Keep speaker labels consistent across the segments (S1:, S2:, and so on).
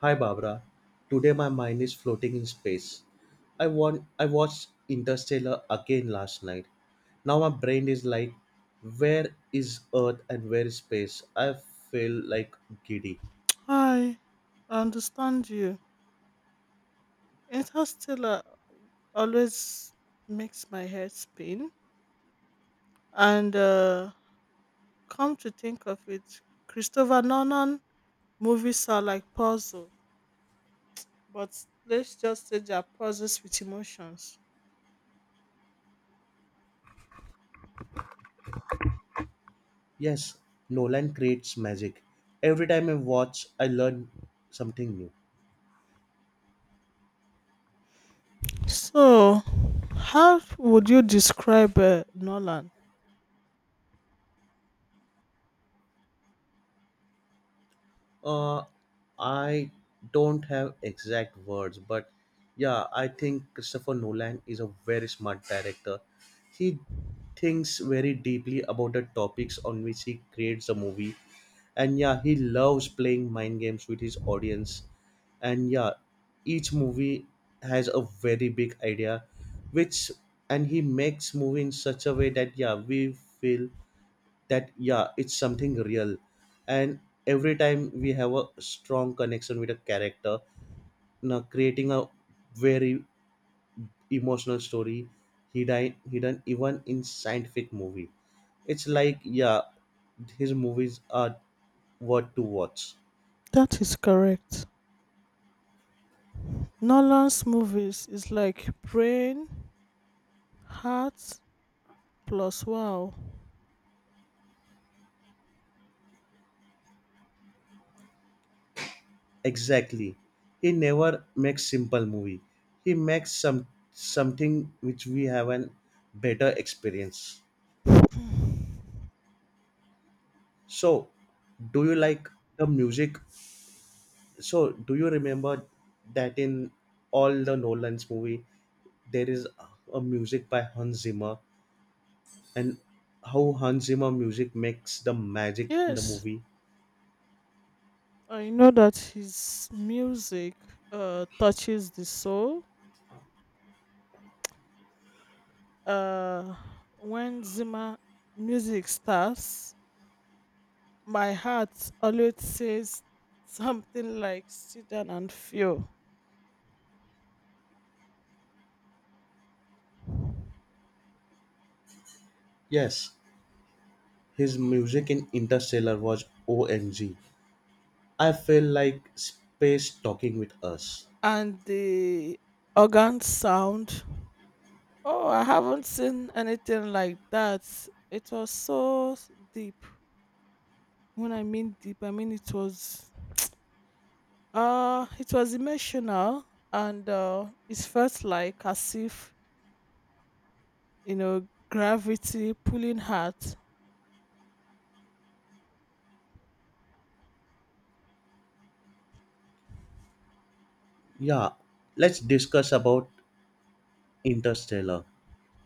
S1: Hi Barbara. Today my mind is floating in space. I watched Interstellar again last night. Now my brain is like where is Earth and where is space? I feel like giddy.
S2: Hi, I understand you. Interstellar always makes my head spin. And Come to think of it, Christopher Nolan movies are like puzzle, but let's just say they are puzzles with emotions.
S1: Yes, Nolan creates magic. Every time I watch I learn something new.
S2: So, how would you describe Nolan?
S1: Uh, I don't have exact words, but yeah, I think Christopher Nolan is a very smart director. He thinks very deeply about the topics on which he creates a movie, and yeah, he loves playing mind games with his audience. And yeah, each movie has a very big idea, which and he makes movie in such a way that yeah, we feel that yeah it's something real and every time we have a strong connection with a character now creating a very emotional story hidden even in scientific movie. It's like yeah his movies are what to watch.
S2: That is correct. Nolan's movies is like brain, heart, plus wow.
S1: Exactly, he never makes simple movie. He makes something which we have an better experience. So do you like the music? So do you remember that in all the Nolan's movie there is a music by Hans Zimmer, and how Hans Zimmer music makes the magic in the
S2: Yes,
S1: movie?
S2: I know that his music touches the soul. Uh, when Zima music starts, my heart always says something like sit down and feel.
S1: Yes, his music in Interstellar was OMG. I feel like space talking with us.
S2: And the organ sound, oh, I haven't seen anything like that. It was so deep. When I mean deep, I mean it was emotional and it felt like as if you know, gravity, pulling heart.
S1: Yeah, let's discuss about Interstellar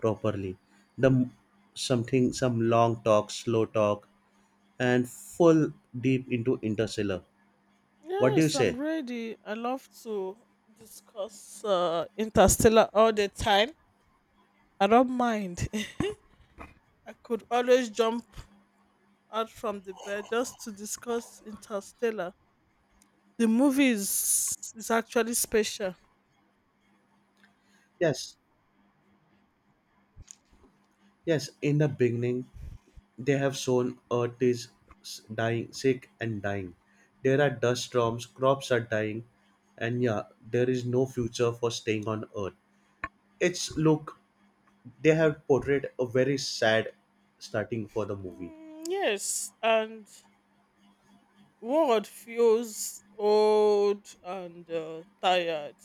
S1: properly. The m- Something some long talk, slow talk and full deep into Interstellar. What do you
S2: Yes, I'm
S1: say?
S2: ready. I love to discuss Interstellar all the time. I don't mind. I could always jump out from the bed just to discuss Interstellar. The movie is actually special.
S1: Yes, yes. In the beginning, they have sown earth is dying, sick and dying. There are dust storms, crops are dying, and yeah, there is no future for staying on earth. It's look, they have portrayed a very sad starting for the movie.
S2: Mm, yes, and world feels old and tired.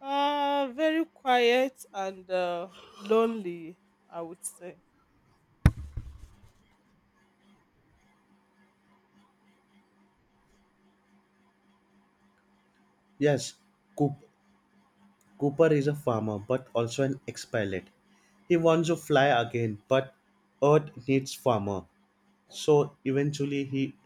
S2: Very quiet and lonely, I would say.
S1: Yes, Coop, Cooper is a farmer but also an ex-pilot. He wants to fly again, but Earth needs farmer, so eventually he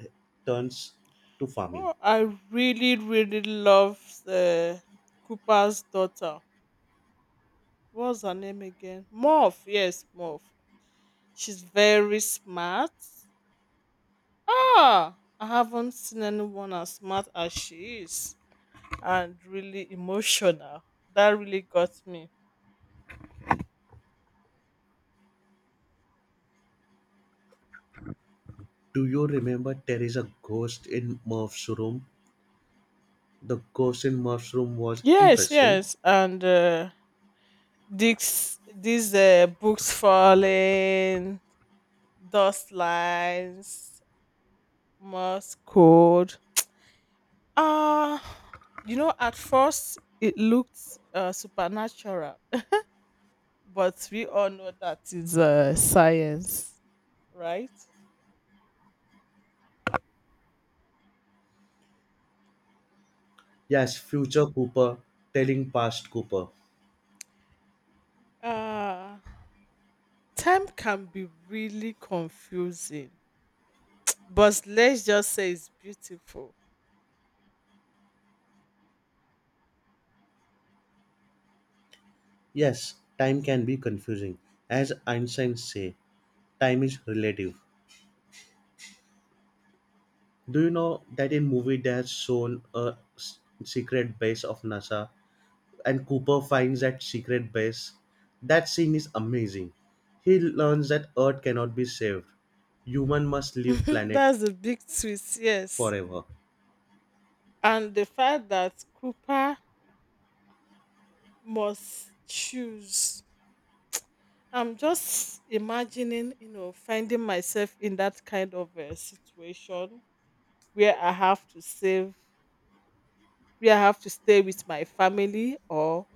S1: turns to farming.
S2: Oh, I really, really love uh, Cooper's daughter. What's her name again? Morph. Yes, Morph. She's very smart. Ah, I haven't seen anyone as smart as she is and really emotional. That really got me.
S1: Do you remember there is a ghost in Murph's room? The ghost in Murph's room was
S2: Yes,
S1: interesting.
S2: yes. And these books falling, dust lines, Morse code. Uh you know, at first it looked supernatural, but we all know that is science, right?
S1: Yes, future Cooper telling past Cooper.
S2: Uh Time can be really confusing, but let's just say it's beautiful.
S1: Yes, time can be confusing. As Einstein say, time is relative. Do you know that in movie they have shown a secret base of NASA and Cooper finds that secret base? That scene is amazing. He learns that Earth cannot be saved. Human must leave planet
S2: That's the big twist, yes.
S1: forever.
S2: And the fact that Cooper must choose. I'm just imagining, you know, finding myself in that kind of a situation where I have to save, where I have to stay with my family or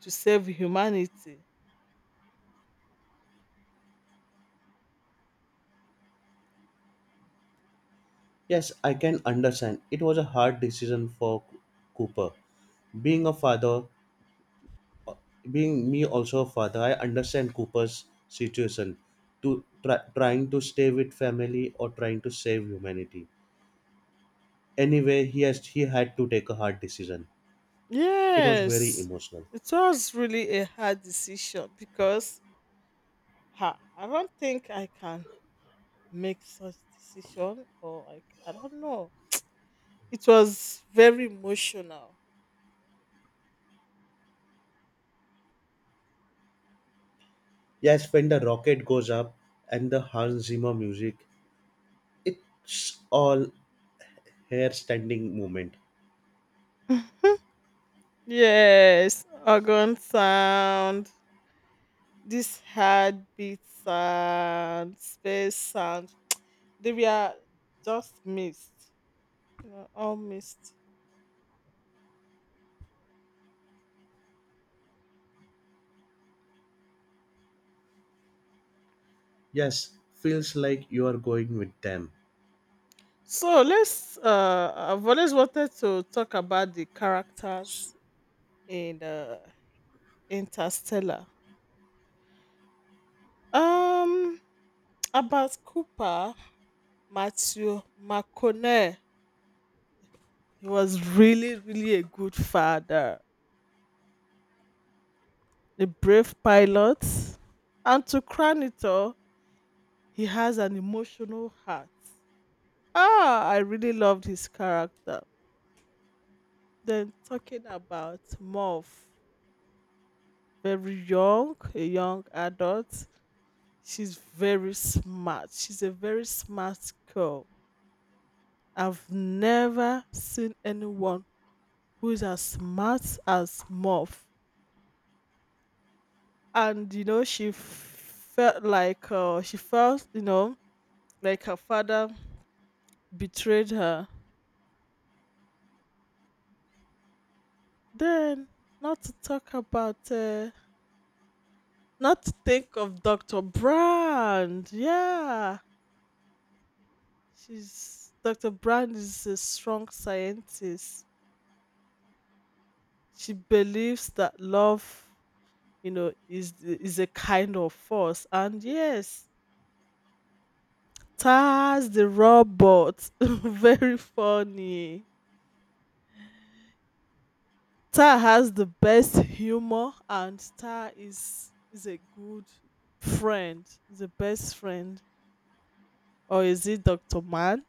S2: to save humanity.
S1: Yes, I can understand. It was a hard decision for Cooper. Being a father, being me also a father, I understand Cooper's situation to trying to stay with family or trying to save humanity. Anyway, he had to take a hard decision. It was very
S2: Yes,
S1: emotional.
S2: it was really a hard decision because ha, I don't think I can make such decision or like I don't know. It was very emotional.
S1: Yes, when the rocket goes up and the Hans Zimmer music, it's all hair standing moment.
S2: Yes, organ sound, this heartbeat sound, space sound, they were just missed. All missed.
S1: Yes, feels like you are going with them.
S2: So let's. I've always wanted to talk about the
S1: S-
S2: characters in Interstellar. Um, about Cooper, Matthew McConaughey. He was really, really a good father, a brave pilot, and to crown it all, he has an emotional heart. Ah, I really loved his character. Then talking about Morph. Very young, a young adult. She's very smart. She's a very smart girl. I've never seen anyone who is as smart as Muff. And you know, she felt like she felt, you know, like her father betrayed her. Then, not to talk about, not to think of Dr. Brand. Yeah, she's Dr. Brand is a strong scientist. She believes that love, you know, is a kind of force, and yes, Tar has the robot, very funny. Tar has the best humor, and Tar is a good friend, is the best friend, or is it Doctor Man,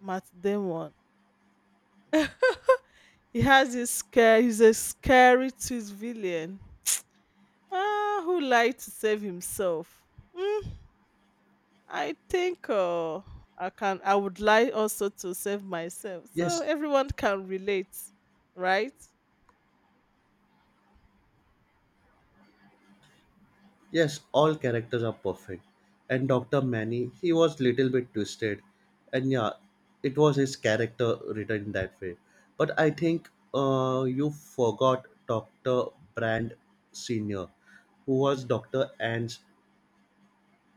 S2: Matt Damon? He has his scare. He's a scary tooth villain. Ah, who lied to save himself? Hmm? I think I can. I would like also to save myself, so
S1: Yes,
S2: everyone can relate, right?
S1: yes, all characters are perfect. And Dr. Manny, he was little bit twisted. And yeah, it was his character written that way. But I think you forgot Dr. Brand Sr., who was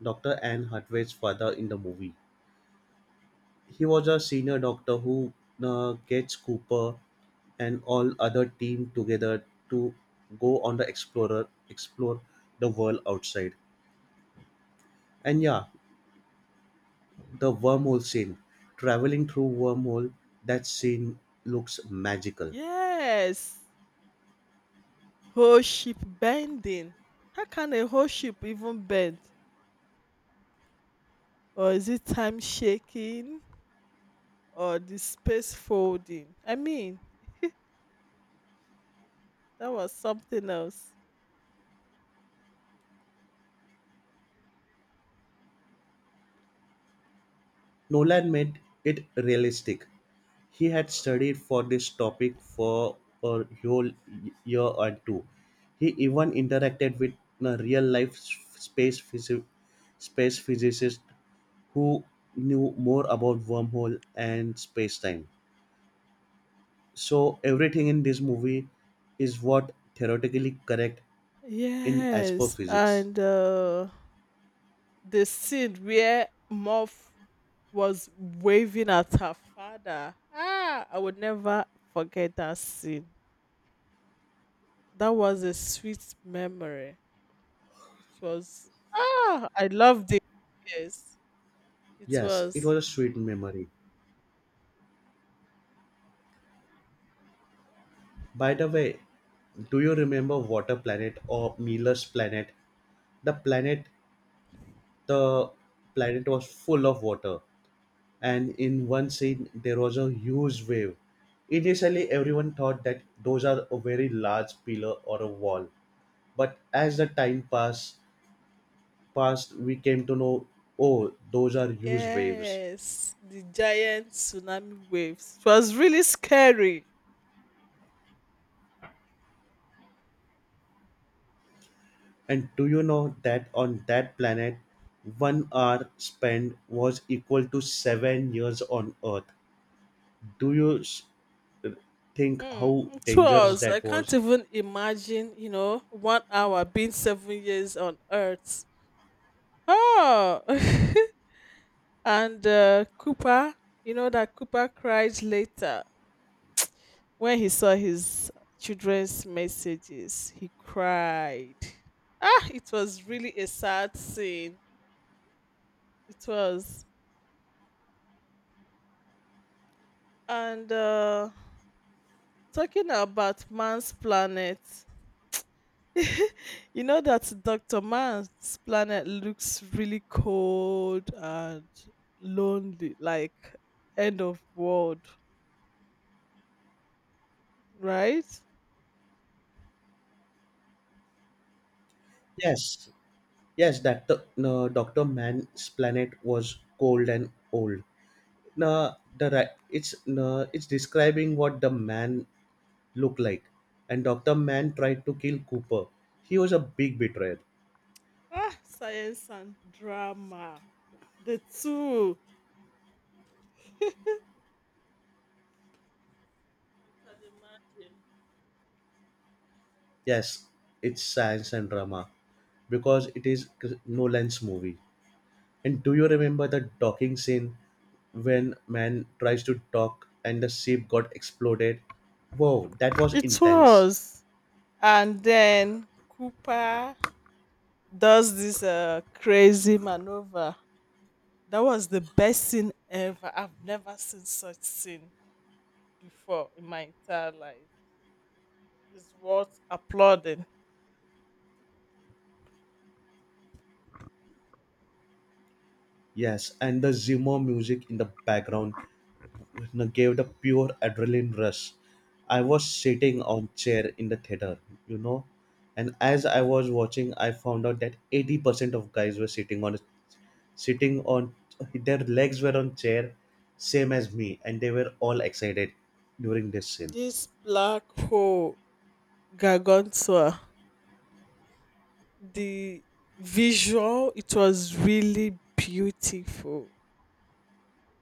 S1: Dr. Anne Hathaway's father in the movie. He was a senior doctor who gets Cooper and all other team together to go on the explore the world outside, and yeah the wormhole scene. Traveling through wormhole, that scene looks magical.
S2: Yes, whole ship bending. How can a whole ship even bend? Or is it time shaking? Or the space folding? I mean, that was something else.
S1: Nolan made it realistic. He had studied for this topic for a whole year or two. He even interacted with a real life space physicist who knew more about wormhole and space-time. So everything in this movie is what theoretically correct in as per
S2: Yes,
S1: physics.
S2: and the scene where morph was waving at her father. Ah, I would never forget that scene. That was a sweet memory. It was ah, I loved it. Yes, it
S1: Yes, it
S2: was.
S1: was a sweet memory. By the way, do you remember Water Planet or Miller's Planet? The planet, the planet was full of water, and in one scene there was a huge wave. Initially, everyone thought that those are a very large pillar or a wall, but as the time passed we came to know, oh, those are huge waves.
S2: Yes, the giant tsunami waves. It was really scary.
S1: And do you know that on that planet, 1 hour spent was equal to 7 years on Earth? Do you think
S2: Hmm,
S1: how
S2: it
S1: dangerous
S2: was. I
S1: that
S2: can't
S1: was?
S2: even imagine. You know, 1 hour being 7 years on Earth. Oh. And Cooper, you know that Cooper cried later when he saw his children's messages. He cried. Ah, it was really a sad scene. It was. And talking about Man's Planet, you know that Dr. Man's Planet looks really cold and lonely, like end of world, right?
S1: Yes, yes, that the, no, Dr. Man's planet was cold and old. No, it's no, it's describing what the man looked like, and Dr. Man tried to kill Cooper. He was a big betrayer.
S2: Ah, science and drama. The two. I can imagine.
S1: Yes, it's science and drama because it is Nolan's movie. And do you remember the docking scene when man tries to dock and the ship got exploded? Wow, that was
S2: It
S1: intense.
S2: was. And then Cooper does this crazy maneuver. That was the best scene ever. I've never seen such scene before in my entire life. It's worth applauding.
S1: Yes, and the Zimmer music in the background gave the pure adrenaline rush. I was sitting on chair in the theater, you know, and as I was watching, I found out that 80% of guys were sitting on their legs were on chair, same as me, and they were all excited during this scene.
S2: This black hole gargantua. The visual, it was really beautiful.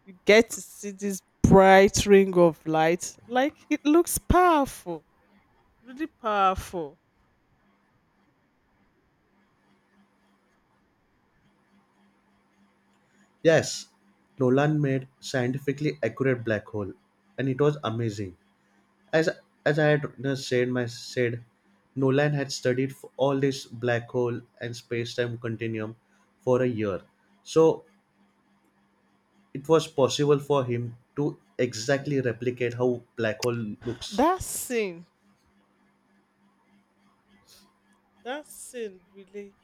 S2: You get to see this bright ring of light. Like it looks powerful, really powerful.
S1: Yes, Nolan made scientifically accurate black hole, and it was amazing. As as I had just said, Nolan had studied all this black hole and space time continuum for a year, so it was possible for him to exactly replicate how black hole looks.
S2: That scene, that scene really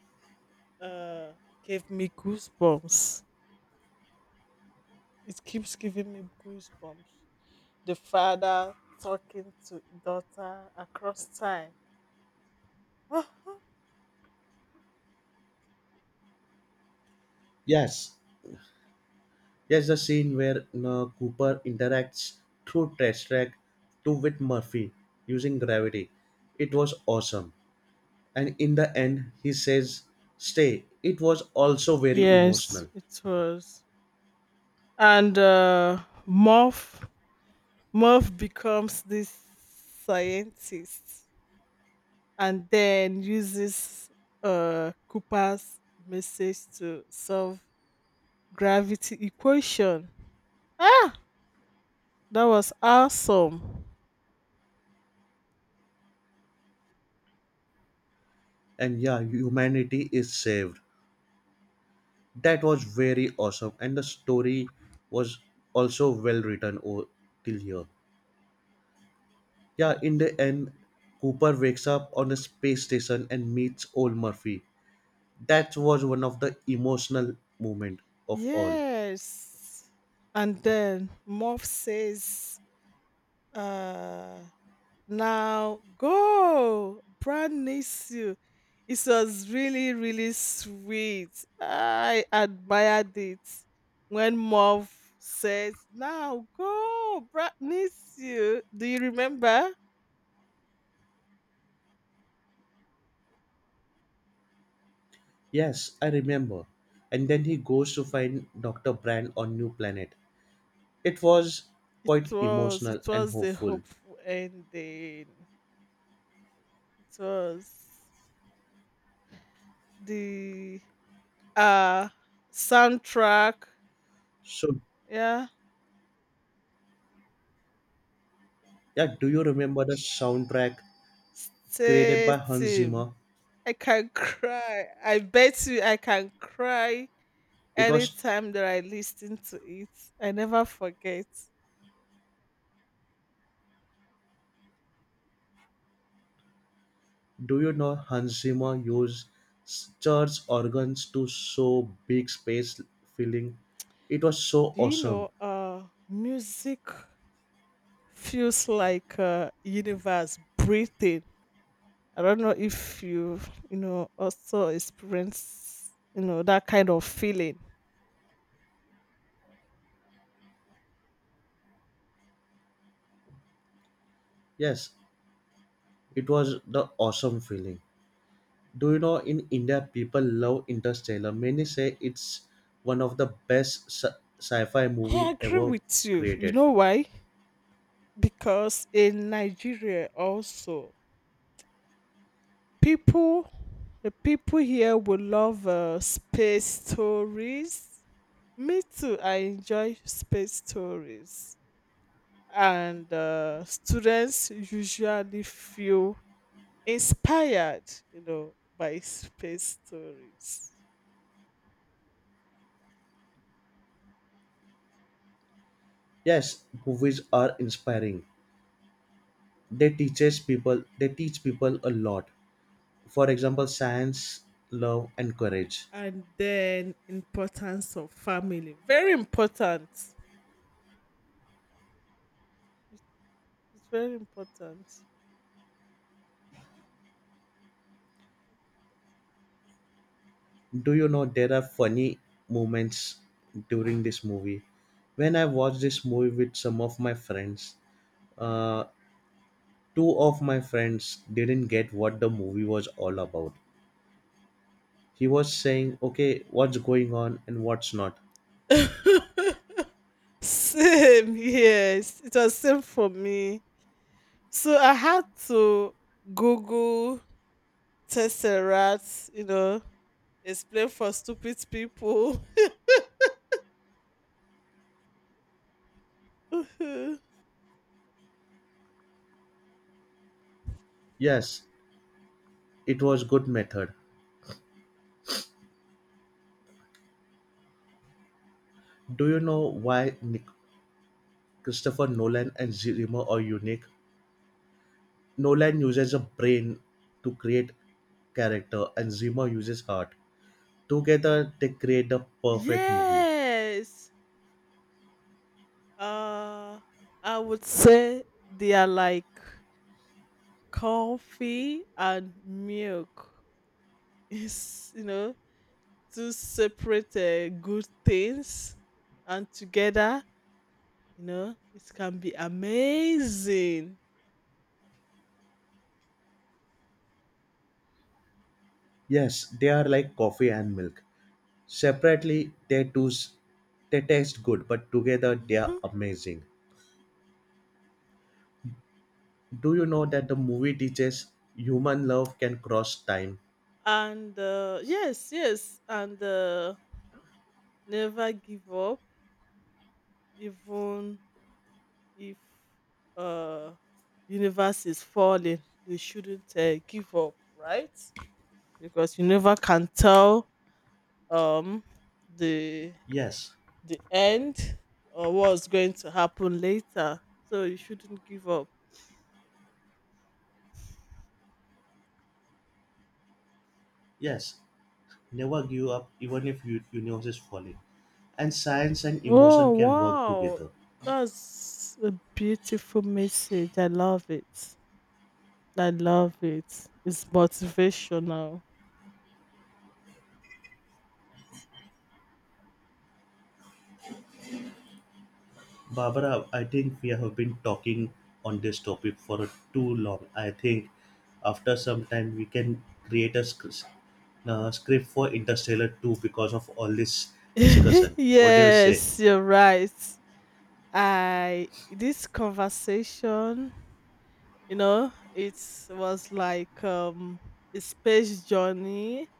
S2: uh gave me goosebumps. It keeps giving me goosebumps. The father talking to daughter across time.
S1: Yes, yes, the scene where Cooper interacts through test track two with Murphy using gravity, it was awesome, and in the end he says stay. It was also very
S2: Yes,
S1: emotional,
S2: it was. And Morph Morph becomes this scientist and then uses Cooper's message to solve gravity equation. Ah, that was awesome.
S1: and yeah humanity is saved. That was very awesome, and the story was also well written till here. Yeah, in the end Cooper wakes up on a space station and meets old Murphy. That was one of the emotional moment of all.
S2: Yes. And then Morph says, uh, now go. Brand needs you. It was really, really sweet. I admired it. When Mauve says, now go, Brad needs you. Do you remember?
S1: Yes, I remember, and then he goes to find Dr. Brand on new planet. It was
S2: It
S1: quite
S2: was
S1: emotional
S2: it
S1: and
S2: was the
S1: hopeful.
S2: hopeful ending. It was the uh soundtrack.
S1: So,
S2: Yeah.
S1: yeah, do you remember the soundtrack created
S2: Stay
S1: by Hans
S2: team.
S1: Zimmer?
S2: I can cry. I bet you I can cry
S1: It was,
S2: anytime that I listen to it, I never forget.
S1: do you know Hans Zimmer used church organs to show big space feeling? It was so
S2: Do you
S1: awesome.
S2: know music feels like a universe breathing? I don't know if you know also experience you know that kind of feeling.
S1: Yes, it was the awesome feeling. Do you know in India people love Interstellar? Many say it's one of the best sci-fi
S2: I
S1: movie
S2: agree
S1: ever
S2: with you. You
S1: created.
S2: know why? Because in Nigeria also people the people here will love space stories. Me too, I enjoy space stories and students usually feel inspired you know by space stories.
S1: Yes, movies are inspiring. They teach people a lot, for example science, love and courage.
S2: And then importance of family, very important. It's very important.
S1: Do you know there are funny moments during this movie? When I watched this movie with some of my friends, uh, two of my friends didn't get what the movie was all about. He was saying okay what's going on and what's not.
S2: Same, yes, it was same for me, so I had to google tesseract, you know, explain for stupid people.
S1: Yes, it was good method. Do you know why Christopher Nolan and Zimmer are unique? Nolan uses a brain to create character and Zimmer uses heart. Together, they create the perfect movie.
S2: Yes. Uh, I would say they are like coffee and milk. Is you know two separate good things, and together, you know, it can be amazing.
S1: Yes, they are like coffee and milk. Separately, they do they taste good, but together they are
S2: Mhm.
S1: amazing. Do you know that the movie teaches human love can cross time?
S2: And never give up, even if uh universe is falling. You shouldn't give up, right? Because you never can tell um the
S1: Yes,
S2: the end or what's going to happen later, so you shouldn't give up.
S1: yes. Never give up even if universe is falling. And science and emotion
S2: Oh
S1: can work
S2: wow,
S1: together.
S2: that's a beautiful message, I love it. I love it, it's motivational.
S1: Barbara, I think we have been talking on this topic for too long. I think after some time we can create a script for Interstellar 2 because of all this discussion. What do you say?
S2: Yes, you're right. I this conversation, you know, it was like a space journey.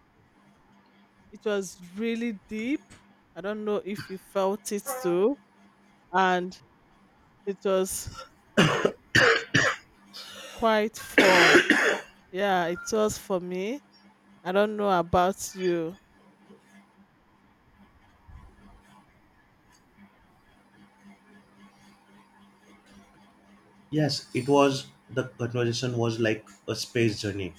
S2: It was really deep. I don't know if you felt it too. And it was quite fun. Yeah, it was for me. I don't know about you.
S1: Yes, it was the conversation was like a space journey.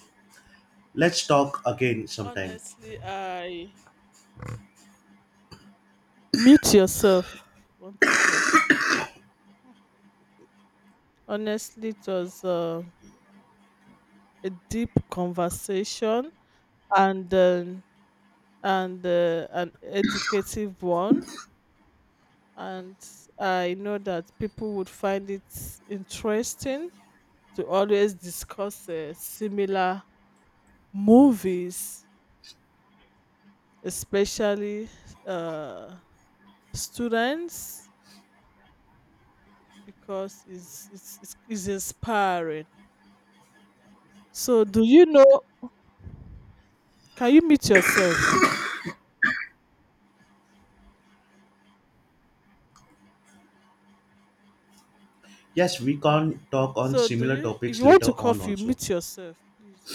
S1: Let's talk again sometime.
S2: Honestly, I mute yourself if you want to cough. Honestly, it was a deep conversation and um and an educative one, and I know that people would find it interesting to always discuss similar movies, especially uh, students, because it's inspiring. So, do you know? Can you meet yourself?
S1: Yes, we can talk on
S2: So, do
S1: similar
S2: you? If
S1: topics
S2: you want
S1: later
S2: to
S1: on
S2: cough, you
S1: also.
S2: meet yourself, please.